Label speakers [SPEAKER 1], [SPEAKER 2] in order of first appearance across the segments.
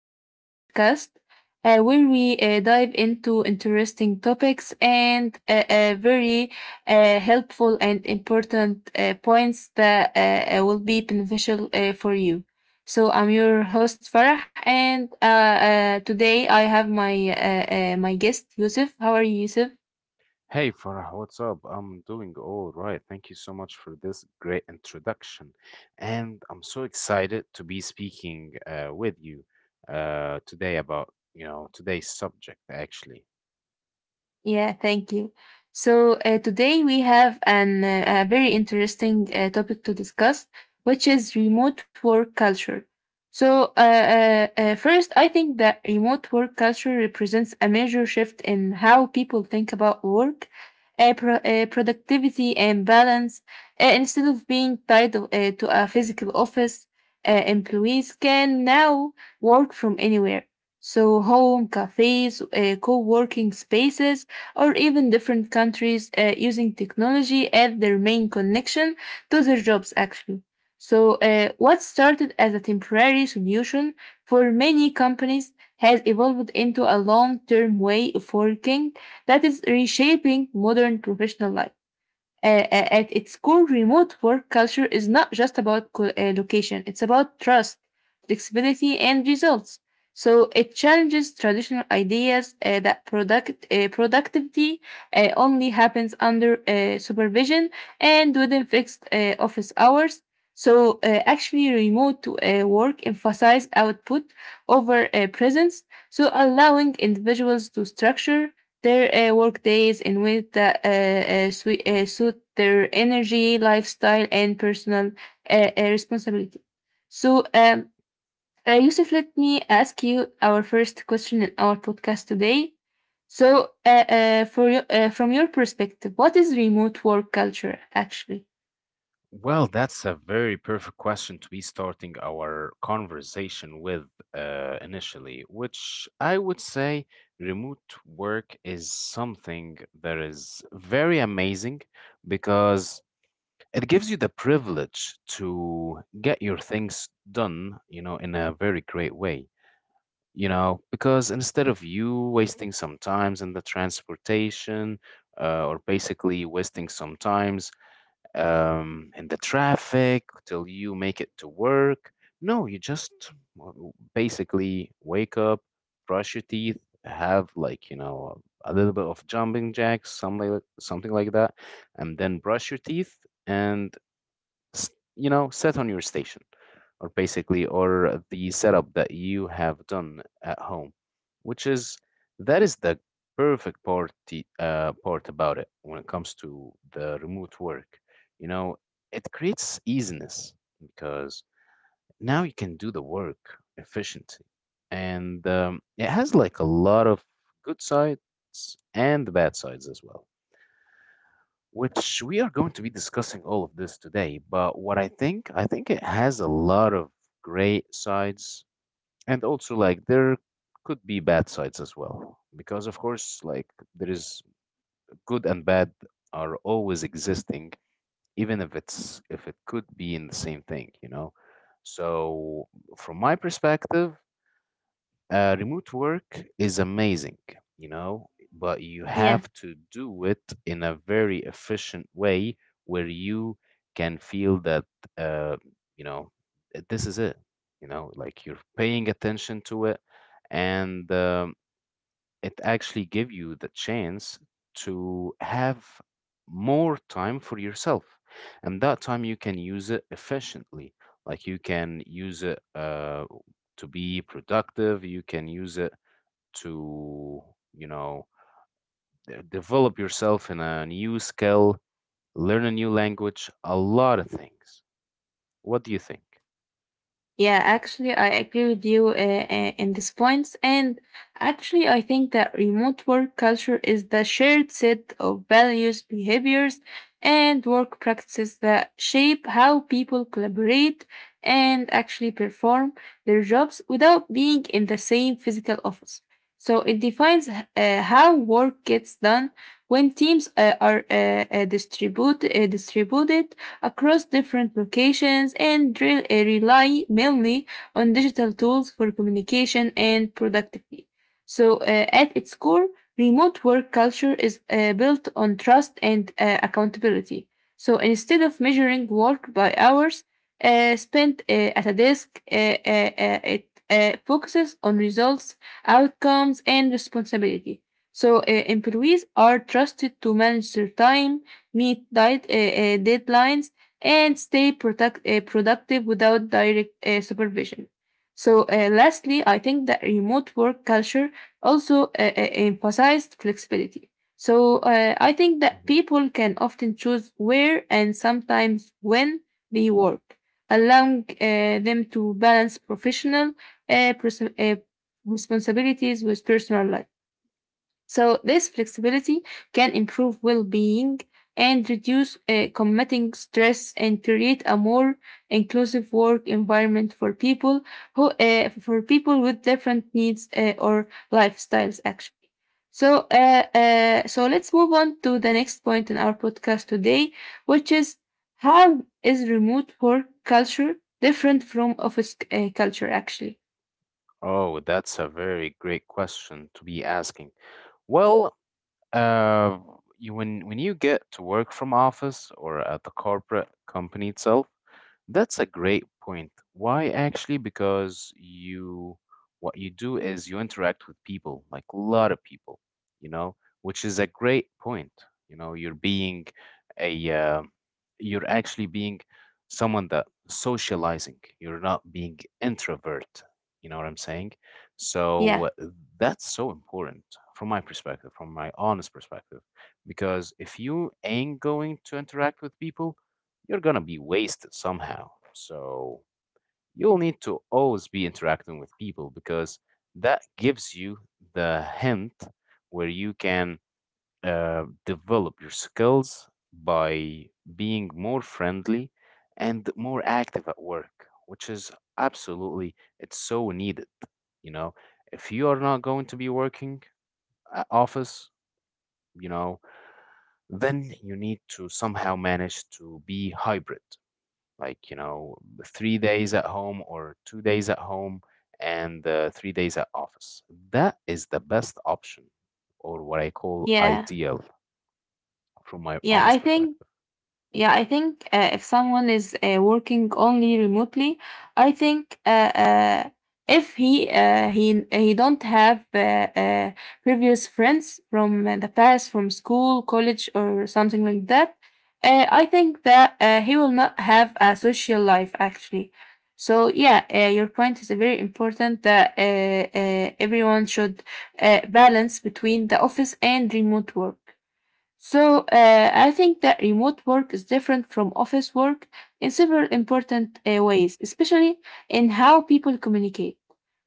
[SPEAKER 1] our podcast, where we dive into interesting topics and very helpful and important points that will be beneficial for you. So I'm your host Farah, and today I have my guest Yusuf. How are you, Yusuf?
[SPEAKER 2] Hey Farah, what's up? I'm doing all right. Thank you so much for this great introduction. And I'm so excited to be speaking with you today about, today's subject actually.
[SPEAKER 1] Yeah, thank you. So today we have an a very interesting topic to discuss, which is remote work culture. So first, I think that remote work culture represents a major shift in how people think about work, productivity, and balance. Instead of being tied to a physical office, employees can now work from anywhere. So home, cafes, co-working spaces or even different countries using technology as their main connection to their jobs, actually. So, what started as a temporary solution for many companies has evolved into a long term way of working that is reshaping modern professional life. At its core, remote work culture is not just about location, it's about trust, flexibility, and results. So it challenges traditional ideas that productivity only happens under supervision and within fixed office hours. So actually, remote work emphasizes output over presence, so allowing individuals to structure their work days in ways that suit their energy, lifestyle, and personal responsibility. So, Yusuf, let me ask you our first question in our podcast today. So, from your perspective, what is remote work culture actually?
[SPEAKER 2] Well, that's a very perfect question to be starting our conversation with initially, which I would say remote work is something that is very amazing because it gives you the privilege to get your things done, in a very great way, because instead of you wasting some times in the transportation or basically wasting some times in the traffic till you make it to work. No, you just basically wake up, brush your teeth, have like, a little bit of jumping jacks, something like that, and then brush your teeth, and s- set on your station, or basically or the setup that you have done at home, which is that is the perfect part about it when it comes to the remote work. you know it creates easiness because now you can do the work efficiently. And it has like a lot of good sides and bad sides as well, which we are going to be discussing all of this today. But I think it has a lot of great sides, and also like there could be bad sides as well, because of course, like there is good and bad are always existing, even if it's if it could be in the same thing. So from my perspective, remote work is amazing, but you have to do it in a very efficient way where you can feel that, uh, you know, this is it, like you're paying attention to it. And it actually give you the chance to have more time for yourself, and that time you can use it efficiently. Like you can use it to be productive, you can use it to you know develop yourself in a new skill, learn a new language, a lot of things. What do you think?
[SPEAKER 1] Yeah, actually, I agree with you in these points. And actually, I think that remote work culture is the shared set of values, behaviors, and work practices that shape how people collaborate and actually perform their jobs without being in the same physical office. So it defines how work gets done when teams are distributed across different locations and rely mainly on digital tools for communication and productivity. So, at its core, remote work culture is built on trust and accountability. So, instead of measuring work by hours spent at a desk, it focuses on results, outcomes, and responsibility. So, employees are trusted to manage their time, meet deadlines, and stay productive without direct supervision. So, lastly, I think that remote work culture also emphasized flexibility. So, I think that
[SPEAKER 2] Mhm.
[SPEAKER 1] people can often choose where and sometimes when they work, allowing them to balance professional uh, pers- uh, responsibilities with personal life. So, this flexibility can improve well being and reduce committing stress and create a more inclusive work environment for people with different needs or lifestyles actually. So let's move on to the next point in our podcast today, which is how is remote work culture different from office culture actually?
[SPEAKER 2] Oh, that's a very great question to be asking. Well, Uh, when you get to work from office or at the corporate company itself, that's a great point. Why actually? Because you, what you do is you interact with people, like a lot of people, you know, which is a great point. You're being a, you're actually being someone that socializing. You're not being introvert. You know what I'm saying?
[SPEAKER 1] yeah
[SPEAKER 2] So that's so important from my perspective, from my honest perspective, because if you ain't going to interact with people, you're gonna be wasted somehow. So you'll need to always be interacting with people, because that gives you the hint where you can develop your skills by being more friendly and more active at work, which is absolutely it's so needed. You know, if you are not going to be working at office, you know, then you need to somehow manage to be hybrid, like 3 days at home or 2 days at home and 3 days at office. That is the best option, or what I call
[SPEAKER 1] yeah
[SPEAKER 2] ideal, from my
[SPEAKER 1] yeah
[SPEAKER 2] honest
[SPEAKER 1] I think
[SPEAKER 2] perspective.
[SPEAKER 1] Yeah, I think if someone is working only remotely, I think if he he don't have uh, previous friends from the past, from school, college, or something like that, I think that he will not have a social life actually. So yeah, your point is very important that everyone should balance between the office and remote work. So I think that remote work is different from office work in several important ways, especially in how people communicate,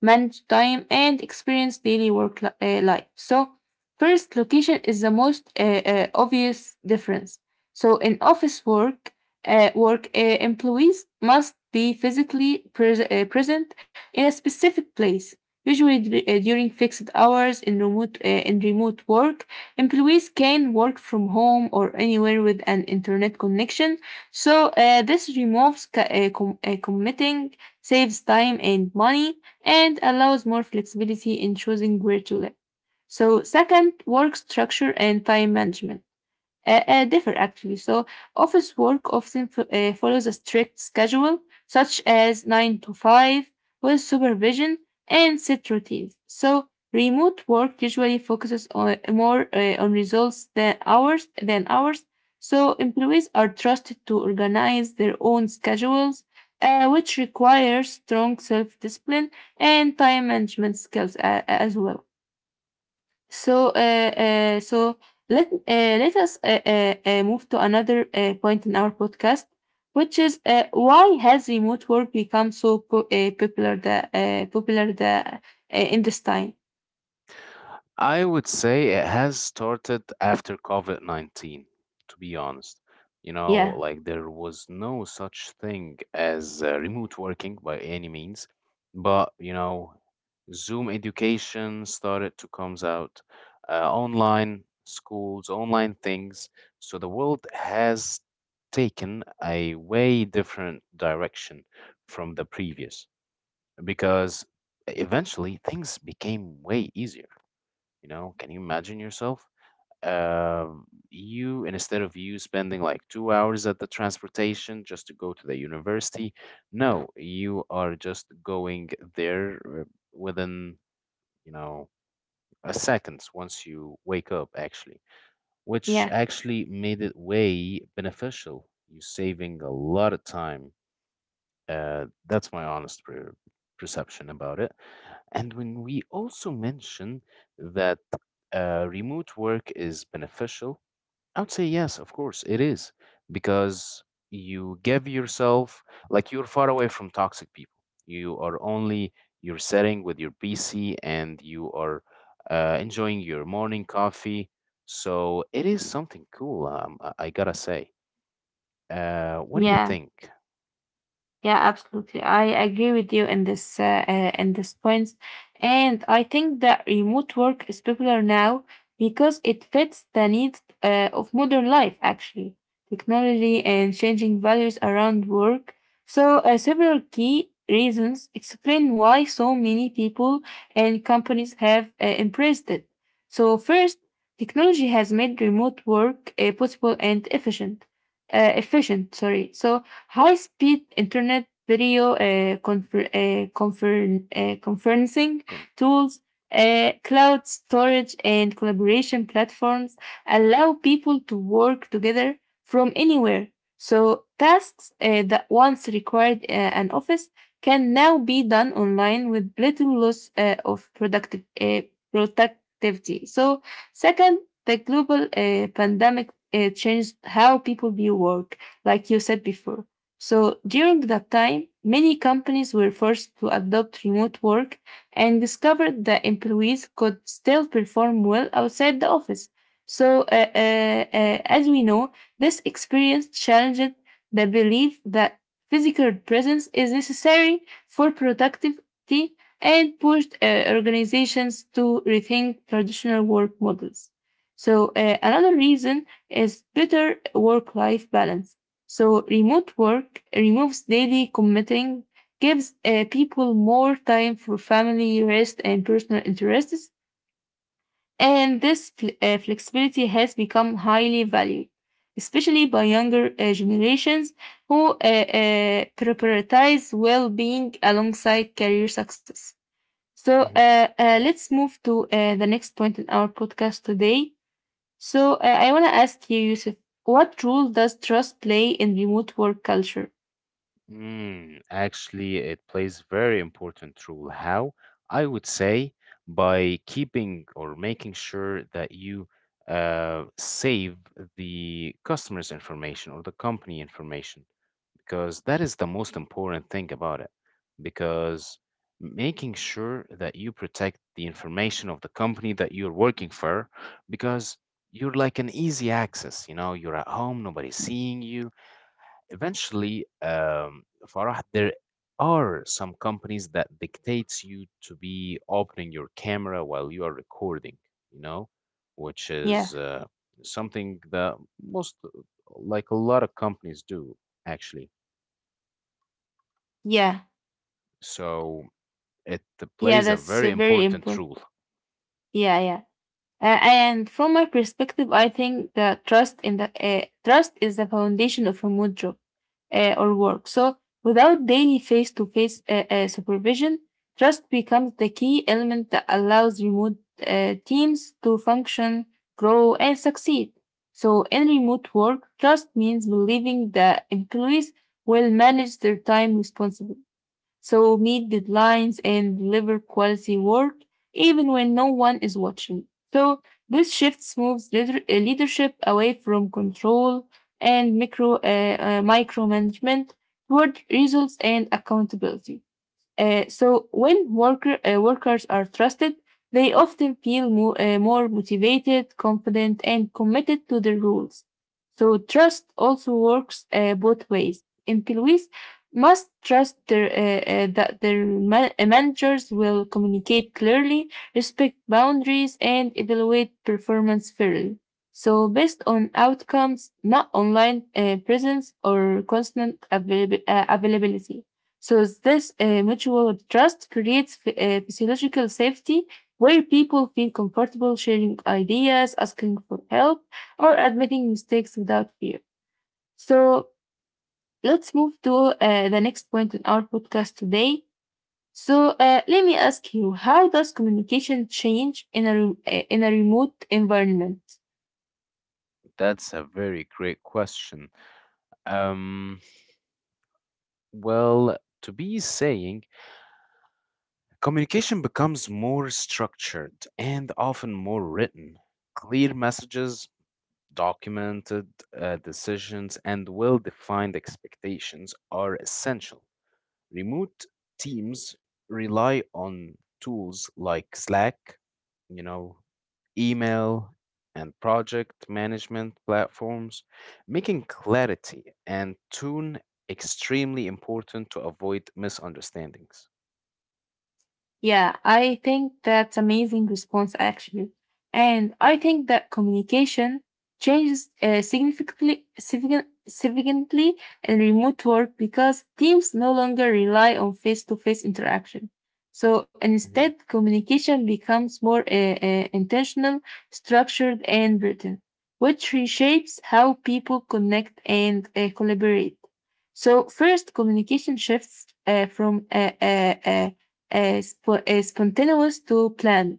[SPEAKER 1] manage time, and experience daily work life. So first, location is the most obvious difference. So in office work, employees must be physically present in a specific place, usually during fixed hours in remote work. Employees can work from home or anywhere with an internet connection. So this removes committing, saves time and money, and allows more flexibility in choosing where to live. So second, work structure and time management differ actually. So, office work often follows a strict schedule, such as 9 to 5, with supervision and set routines. So, remote work usually focuses on, more on results than hours. So, employees are trusted to organize their own schedules, which requires strong self discipline and time management skills as well. So, let us move to another point in our podcast, which is why has remote work become so popular the in this time?
[SPEAKER 2] I would say it has started after COVID-19, to be honest.
[SPEAKER 1] Yeah,
[SPEAKER 2] Like there was no such thing as remote working by any means, but Zoom education started to comes out, online schools, online things. So the world has taken a way different direction from the previous, because eventually things became way easier. Can you imagine yourself? And instead of you spending like 2 hours at the transportation just to go to the university, no, you are just going there within, you know, a seconds once you wake up, actually, which
[SPEAKER 1] yeah,
[SPEAKER 2] actually made it way beneficial. You're saving a lot of time. That's my honest perception about it. And when we also mention that remote work is beneficial, I would say yes, of course, it is, because you give yourself, like, you're far away from toxic people. You are only, you're sitting with your PC and you are enjoying your morning coffee. So it is something cool. I gotta say. What do you
[SPEAKER 1] yeah.
[SPEAKER 2] think?
[SPEAKER 1] Yeah, absolutely. I agree with you in this point, and I think that remote work is popular now because it fits the needs of modern life. Actually, technology and changing values around work. So, several key reasons explain why so many people and companies have embraced it. So, first, technology has made remote work possible and efficient. Efficient, sorry. So high speed internet video conferencing
[SPEAKER 2] Con-
[SPEAKER 1] tools, cloud storage, and collaboration platforms allow people to work together from anywhere. So, tasks that once required an office can now be done online with little loss of productivity. So, second, the global pandemic changed how people view work, like you said before. So during that time, many companies were forced to adopt remote work and discovered that employees could still perform well outside the office. So, as we know, this experience challenged the belief that physical presence is necessary for productivity and pushed organizations to rethink traditional work models. So, another reason is better work life balance. So remote work removes daily commuting, gives people more time for family, rest, and personal interests. And this flexibility has become highly valued, especially by younger generations who prioritize well-being alongside career success. So
[SPEAKER 2] mm-hmm.
[SPEAKER 1] let's move to the next point in our podcast today. So I want to ask you, Yusuf, what role does trust play in remote work culture?
[SPEAKER 2] Actually, it plays very important role. How? I would say by keeping or making sure that you save the customer's information or the company information, because that is the most important thing about it. Because making sure that you protect the information of the company that you're working for, because you're like an easy access. You're at home, nobody's seeing you. Eventually, Farah, there are some companies that dictates you to be opening your camera while you are recording, you know, which
[SPEAKER 1] Yeah.
[SPEAKER 2] is something that most, like a lot of companies do, actually.
[SPEAKER 1] Yeah.
[SPEAKER 2] So it
[SPEAKER 1] Yeah.
[SPEAKER 2] plays a
[SPEAKER 1] That's
[SPEAKER 2] very
[SPEAKER 1] very
[SPEAKER 2] important
[SPEAKER 1] important.
[SPEAKER 2] role.
[SPEAKER 1] Yeah. Yeah. And from my perspective, I think that trust in the trust is the foundation of remote job or work. So without daily face-to-face supervision, trust becomes the key element that allows remote teams to function, grow, and succeed. So in remote work, trust means believing that employees will manage their time responsibly, so meet deadlines and deliver quality work even when no one is watching. So this shift moves leadership away from control and micromanagement toward results and accountability. So when workers are trusted, they often feel more motivated, confident, and committed to their roles. So trust also works both ways. Employees must trust that their managers will communicate clearly, respect boundaries, and evaluate performance fairly. So based on outcomes, not online presence or constant availability. So this mutual trust creates physiological safety where people feel comfortable sharing ideas, asking for help, or admitting mistakes without fear. So let's move to the next point in our podcast today. So let me ask you, how does communication change in a remote environment?
[SPEAKER 2] That's a very great question. Um, well, to be saying communication becomes more structured and often more written. Clear messages, documented decisions, and well defined expectations are essential. Remote teams rely on tools like Slack, you know, email, and project management platforms, making clarity and tune extremely important to avoid misunderstandings.
[SPEAKER 1] Yeah, I think that's amazing response actually. And I think that communication changes significantly in remote work because teams no longer rely on face-to-face interaction. So
[SPEAKER 2] Mhm.
[SPEAKER 1] instead, communication becomes more intentional, structured, and written, which reshapes how people connect and collaborate. So first, communication shifts from spontaneous to planned.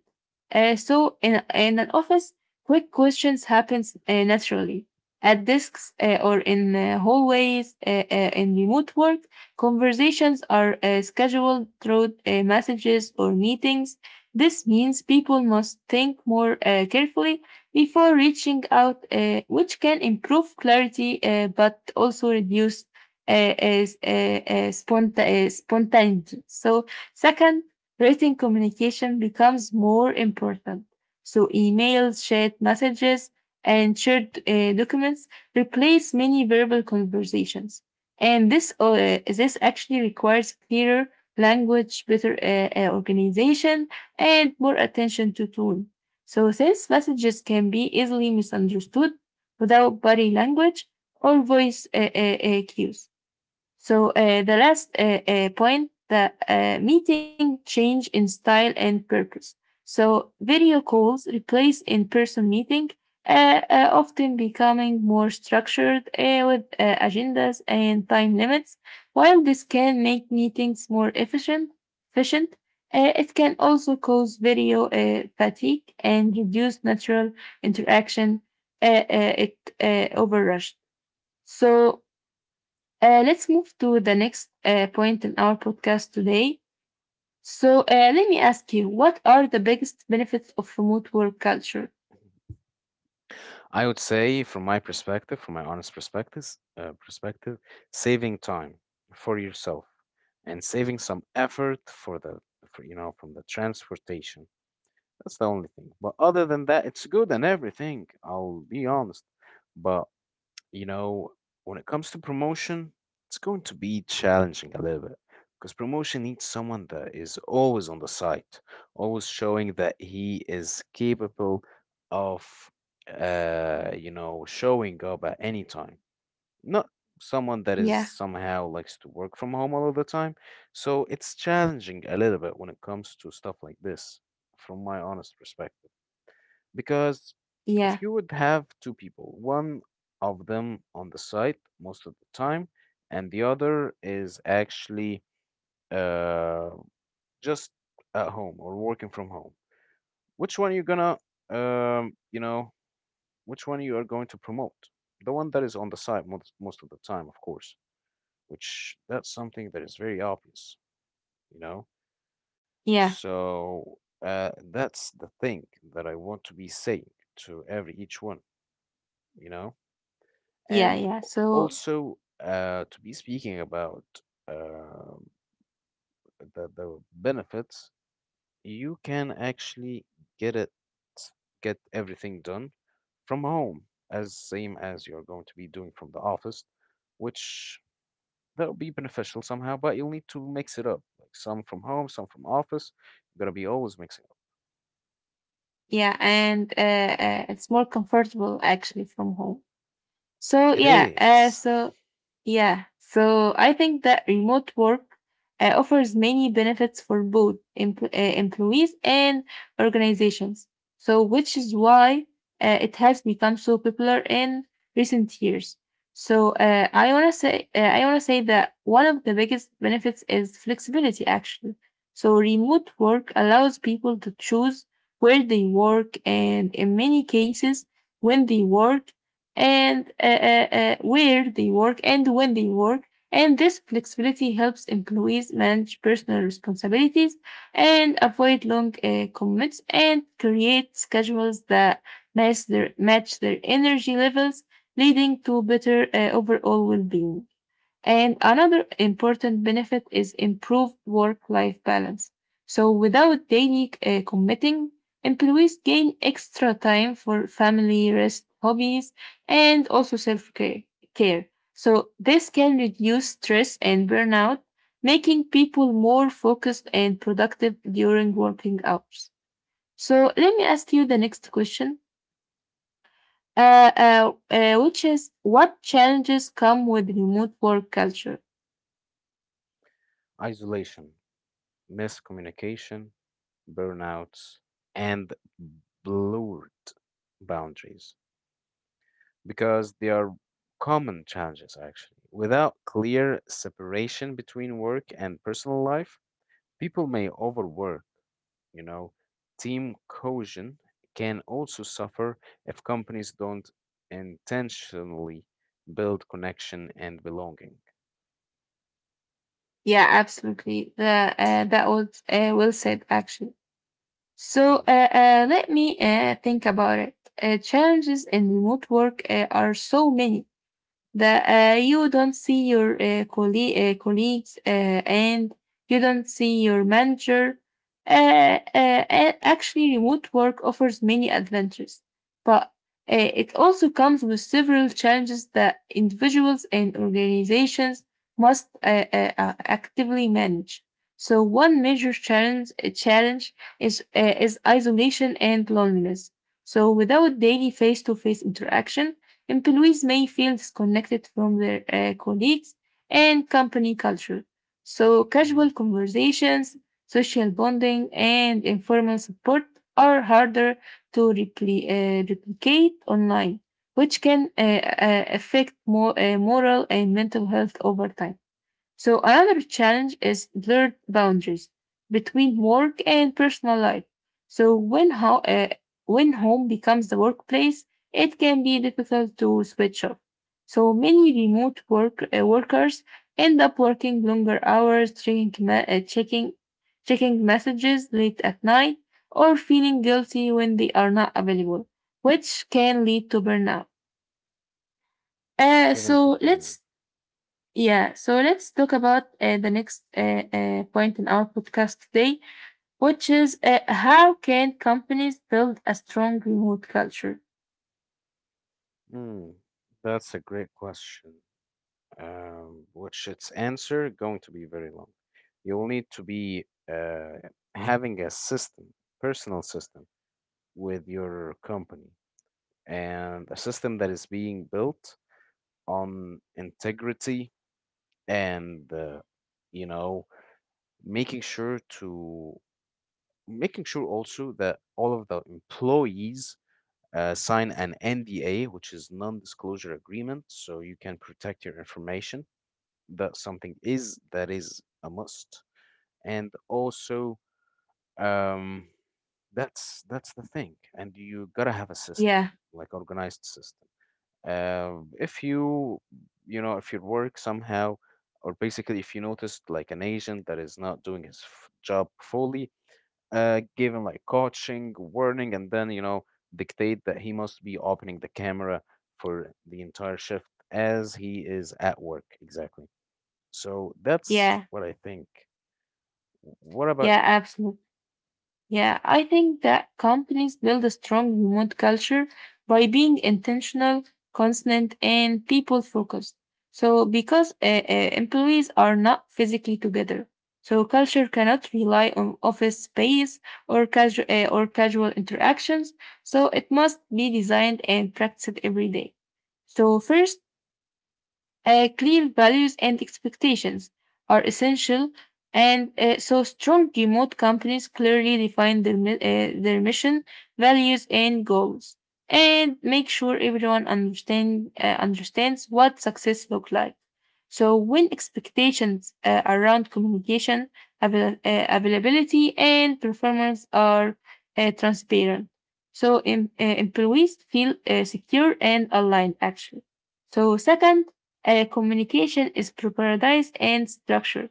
[SPEAKER 1] So in an office, quick questions happens naturally. At desks or in hallways, in remote work, conversations are scheduled through messages or meetings. This means people must think more carefully before reaching out, which can improve clarity but also reduce spontaneity. So second, written communication becomes more important. So emails, chat messages, and shared documents replace many verbal conversations. And this actually requires clearer language, better organization, and more attention to tone. So since messages can be easily misunderstood without body language or voice cues. So the last point, the meeting change in style and purpose. So video calls replace in-person meeting, often becoming more structured with agendas and time limits. While this can make meetings more efficient, efficient, it can also cause video fatigue and reduce natural interaction. It overrushed. So let's move to the next point in our podcast today. So, let me ask you, what are the biggest benefits of remote work culture?
[SPEAKER 2] I would say, from my perspective, from my honest perspective, saving time for yourself and saving some effort for the, from the transportation. That's the only thing. But other than that, it's good and everything. I'll be honest, but You know, when it comes to promotion, it's going to be challenging a little bit, because promotion needs someone that is always on the site, always showing that he is capable of, showing up at any time. Not someone that is
[SPEAKER 1] Yeah,
[SPEAKER 2] somehow likes to work from home all of the time. So it's challenging a little bit when it comes to stuff like this, from my honest perspective. Because
[SPEAKER 1] yeah,
[SPEAKER 2] if you would have two people, one of them on the site most of the time, and the other is actually uh, just at home or working from home, which one are you gonna, you know, which one you are going to promote? The one that is on the site most of the time, of course, which that's something that is very obvious, you know?
[SPEAKER 1] yeah,
[SPEAKER 2] So that's the thing that I want to be saying to every each one, you know?
[SPEAKER 1] yeah,
[SPEAKER 2] And
[SPEAKER 1] yeah. So,
[SPEAKER 2] also, to be speaking about uh, the benefits, you can actually get it, get everything done from home, as same as you're going to be doing from the office, which that'll be beneficial somehow, but you'll need to mix it up, like some from home, some from office. You're gonna be always mixing up.
[SPEAKER 1] yeah, and it's more comfortable actually from home. So
[SPEAKER 2] It
[SPEAKER 1] yeah,
[SPEAKER 2] is
[SPEAKER 1] yeah, so I think that remote work offers many benefits for both employees and organizations. So which is why it has become so popular in recent years. So I wanna say that one of the biggest benefits is flexibility. Actually, so remote work allows people to choose where they work and in many cases when they work and where they work and when they work. And this flexibility helps employees manage personal responsibilities and avoid long commutes and create schedules that match their energy levels, leading to better overall well-being. And another important benefit is improved work life balance. So, without daily committing, employees gain extra time for family, rest, hobbies, and also self care. So, this can reduce stress and burnout, making people more focused and productive during working hours. So, let me ask you the next question. Which is what challenges come with remote work culture?
[SPEAKER 2] isolation, miscommunication, burnouts, and blurred boundaries, because they are common challenges actually. Without clear separation between work and personal life, people may overwork, you know. Team cohesion can also suffer if companies don't intentionally build connection and belonging.
[SPEAKER 1] Yeah, absolutely. The, uh,
[SPEAKER 2] It's-
[SPEAKER 1] that was well said, actually. So
[SPEAKER 2] Mhm,
[SPEAKER 1] let me think about it. Challenges in remote work are so many that you don't see your colleagues and you don't see your manager. Actually, remote work offers many adventures, but it also comes with several challenges that individuals and organizations must actively manage. So, one major challenge is isolation and loneliness. So, without daily face to face interaction, employees may feel disconnected from their colleagues and company culture. So
[SPEAKER 2] mhm.
[SPEAKER 1] casual conversations, social bonding, and informal support are harder to replicate online, which can affect moral and mental health over time. So another challenge is blurred boundaries between work and personal life. So when home becomes the workplace, it can be difficult to switch off. So many remote work workers end up working longer hours, checking ma- checking checking messages late at night, or feeling guilty when they are not available, which can lead to burnout.
[SPEAKER 2] Couldn't
[SPEAKER 1] So
[SPEAKER 2] agree more.
[SPEAKER 1] let's Yeah, so let's talk about the next point in our podcast today, which is how can companies build a strong remote culture?
[SPEAKER 2] Hmm, that's a great question, which its answer going to be very long. You'll need to be having a system, personal system, with your company, and a system that is being built on integrity, and you know making sure to making sure also that all of the employees sign an NDA, which is non-disclosure agreement, so you can protect your information. That something is that is a must, and also um, that's the thing. And you gotta have a system,
[SPEAKER 1] Yeah,
[SPEAKER 2] like organized system. uh, if you if your work somehow, or basically if you noticed like an agent that is not doing his job fully, give him like coaching warning, and then dictate that he must be opening the camera for the entire shift, as he is at work exactly. So that's
[SPEAKER 1] yeah,
[SPEAKER 2] what I think. What about
[SPEAKER 1] yeah,
[SPEAKER 2] you?
[SPEAKER 1] absolutely. Yeah, I think that companies build a strong remote culture by being intentional, constant, and people focused. So, because employees are not physically together, so culture cannot rely on office space or casual interactions. So, it must be designed and practiced every day. So first, clear values and expectations are essential, and strong remote companies clearly define their mission, values, and goals, and make sure understands what success looks like. So when expectations around communication, availability, and performance are transparent, so employees feel secure and aligned. Actually, so second communication is prioritized and structured.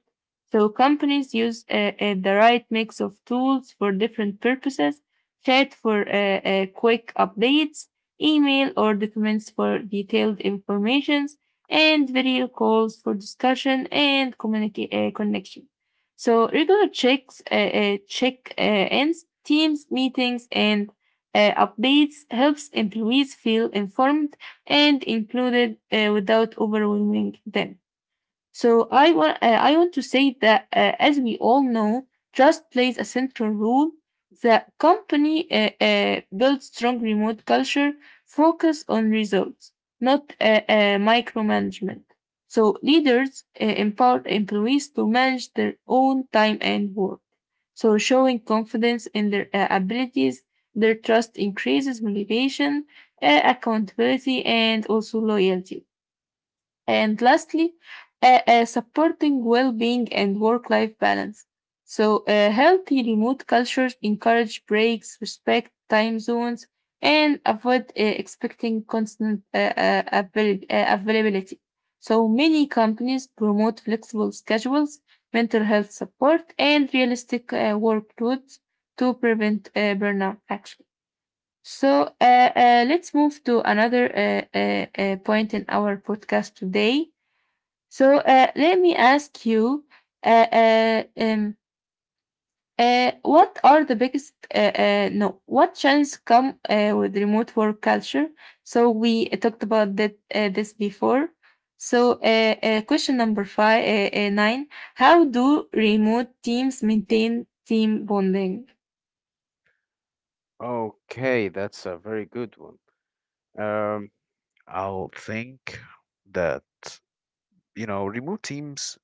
[SPEAKER 1] So companies use the right mix of tools for different purposes, chat for quick updates, email or documents for detailed informations, and video calls for connection. So regular checks, check ins, teams, meetings, and updates helps employees feel informed and included without overwhelming them. So I want to say that as we all know, trust plays a central role. The company builds strong remote culture, focus on results, not micromanagement. So leaders empower employees to manage their own time and work. So showing confidence in their abilities, their trust increases motivation, accountability, and also loyalty. And lastly, supporting well-being and work-life balance. So, healthy remote cultures encourage breaks, respect time zones, and avoid expecting constant availability. So, many companies promote flexible schedules, mental health support, and realistic workloads to prevent burnout, actually. So, let's move to another point in our podcast today so let me ask you, uh, uh, um, what are the biggest no what challenges come with remote work culture? So we talked about that this before. So question number five nine: How do remote teams maintain team bonding?
[SPEAKER 2] Okay, that's a very good one. um I'll think that remote teams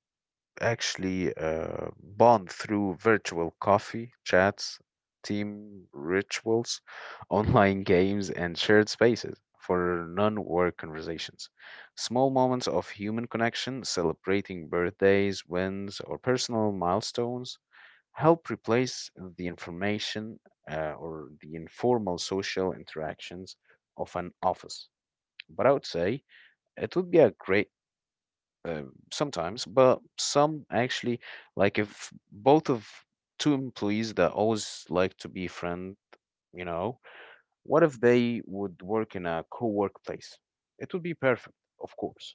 [SPEAKER 2] actually bond through virtual coffee, chats, team rituals, online games, and shared spaces for non work conversations. Small moments of human connection, celebrating birthdays, wins, or personal milestones, help replace the information or the informal social interactions of an office. But I would say it would be a great uh, sometimes, but some actually, like if both of two employees that always like to be friend, you know, what if they would work in a co-workplace? It would be perfect, of course.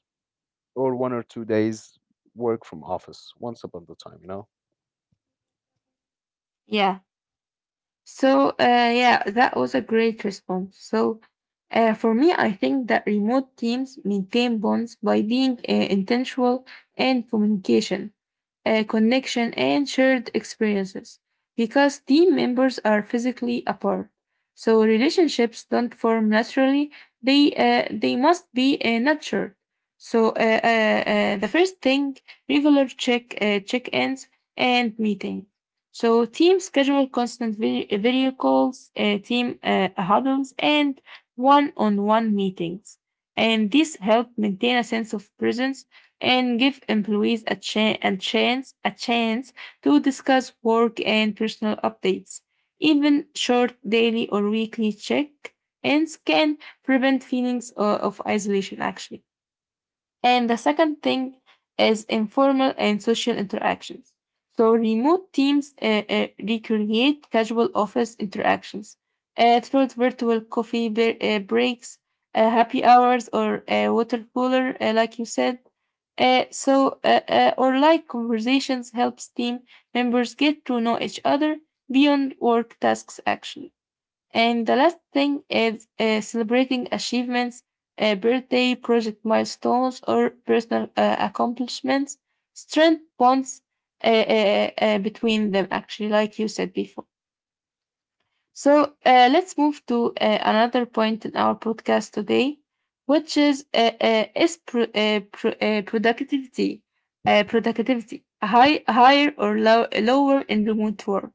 [SPEAKER 2] Or 1 or 2 days work from office once upon the time.
[SPEAKER 1] Yeah. So, yeah, that was a great response. So, for me, I think that remote teams maintain bonds by being intentional and communication, connection, and shared experiences because team members are physically apart. So, relationships don't form naturally, they must be nurtured. So, the first thing regular check ins and meetings. So teams schedule constant video calls, team huddles, and one-on-one meetings. And this help maintain a sense of presence and give employees a chance to discuss work and personal updates. Even short daily or weekly check-ins can prevent feelings of isolation. Actually. And the second thing is informal and social interactions. So remote teams recreate casual office interactions through virtual coffee breaks, happy hours, or water cooler, like you said. Or like conversations helps team members get to know each other beyond work tasks actually. And the last thing is celebrating achievements, birthday, project milestones, or personal accomplishments. Strength bonds between them, actually, like you said before. So let's move to another point in our podcast today, which is productivity, productivity higher or lower in remote work.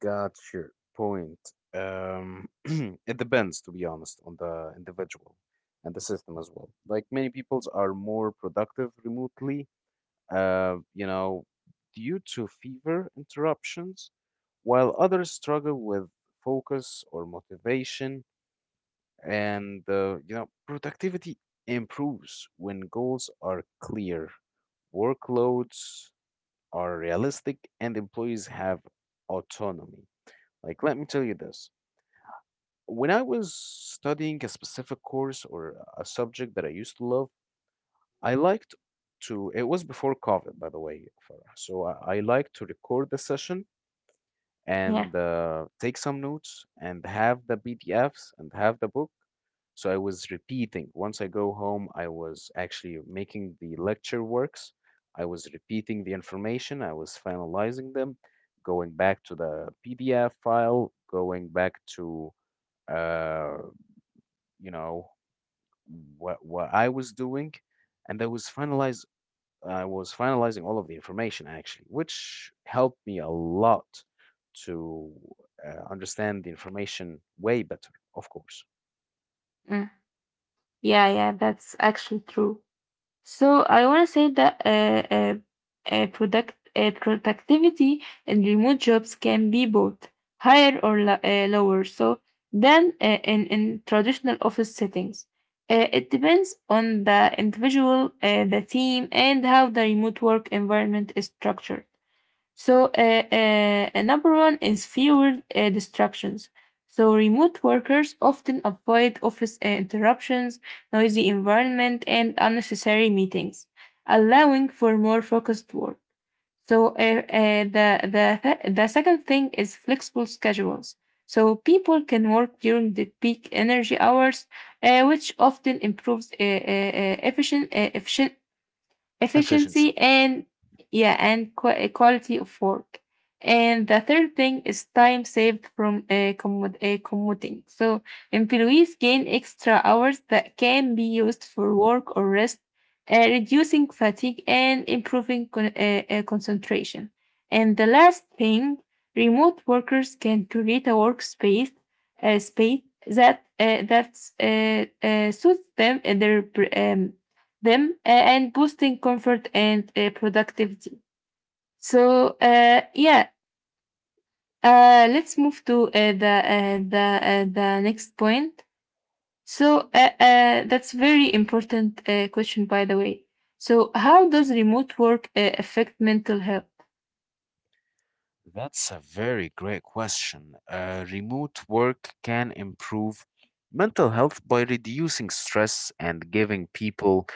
[SPEAKER 2] Got your point. It depends, to be honest, on the individual and the system as well. Like many peoples are more productive remotely uh, you know, due to fever interruptions, while others struggle with focus or motivation. And, productivity improves when goals are clear, workloads are realistic, and employees have autonomy. Like, let me tell you this. When I was studying a specific course or a subject that I used to love, I liked it was before COVID, by the way, Farah. So I like to record the session
[SPEAKER 1] Yeah,
[SPEAKER 2] and take some notes and have the PDFs and have the book. So I was repeating. Once I go home, I was actually making the lecture works. I was repeating the information. I was finalizing them, going back to the PDF file, going back to, uh, you know, what I was doing. And I was finalizing. I was finalizing all of the information actually, which helped me a lot to understand the information way better, of course.
[SPEAKER 1] Mm. Yeah, yeah. That's actually true. So I want to say that productivity in remote jobs can be both higher or lower. So than in traditional office settings. It depends on the individual, the team, and how the remote work environment is structured. So, number one is fewer distractions. So, remote workers often avoid office interruptions, noisy environment, and unnecessary meetings, allowing for more focused work. So, the second thing is flexible schedules. So, people can work during the peak energy hours, which often improves
[SPEAKER 2] Efficiency.
[SPEAKER 1] efficiency and yeah and quality of work and the third thing is time saved from commuting so employees gain extra hours that can be used for work or rest reducing fatigue and improving concentration and the last thing remote workers can create a workspace space that that's suits um, them and boosting comfort and productivity. So yeah, let's move to the next point. So that's very important question, by the way. So how does remote work affect mental health?
[SPEAKER 2] That's a very great question. Remote work can improve mental health by reducing stress and giving people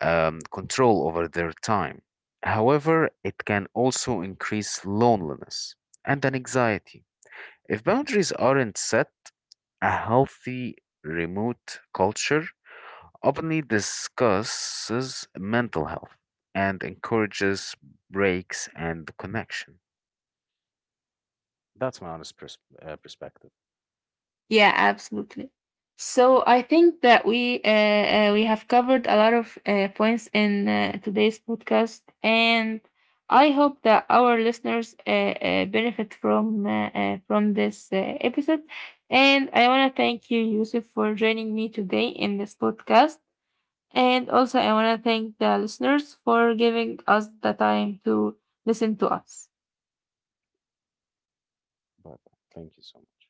[SPEAKER 2] control over their time. However, it can also increase loneliness and an anxiety, if boundaries aren't set. A healthy remote culture openly discusses mental health and encourages breaks and connection. That's my honest perspective.
[SPEAKER 1] Yeah, absolutely. So I think that we have covered a lot of points in today's podcast, and I hope that our listeners benefit from this episode. And I want to thank you, Yusuf, for joining me today in this podcast. And also, I want to thank the listeners for giving us the time to listen to us.
[SPEAKER 2] But thank you so much.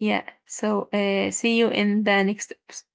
[SPEAKER 1] Yeah. So see you in the next episode.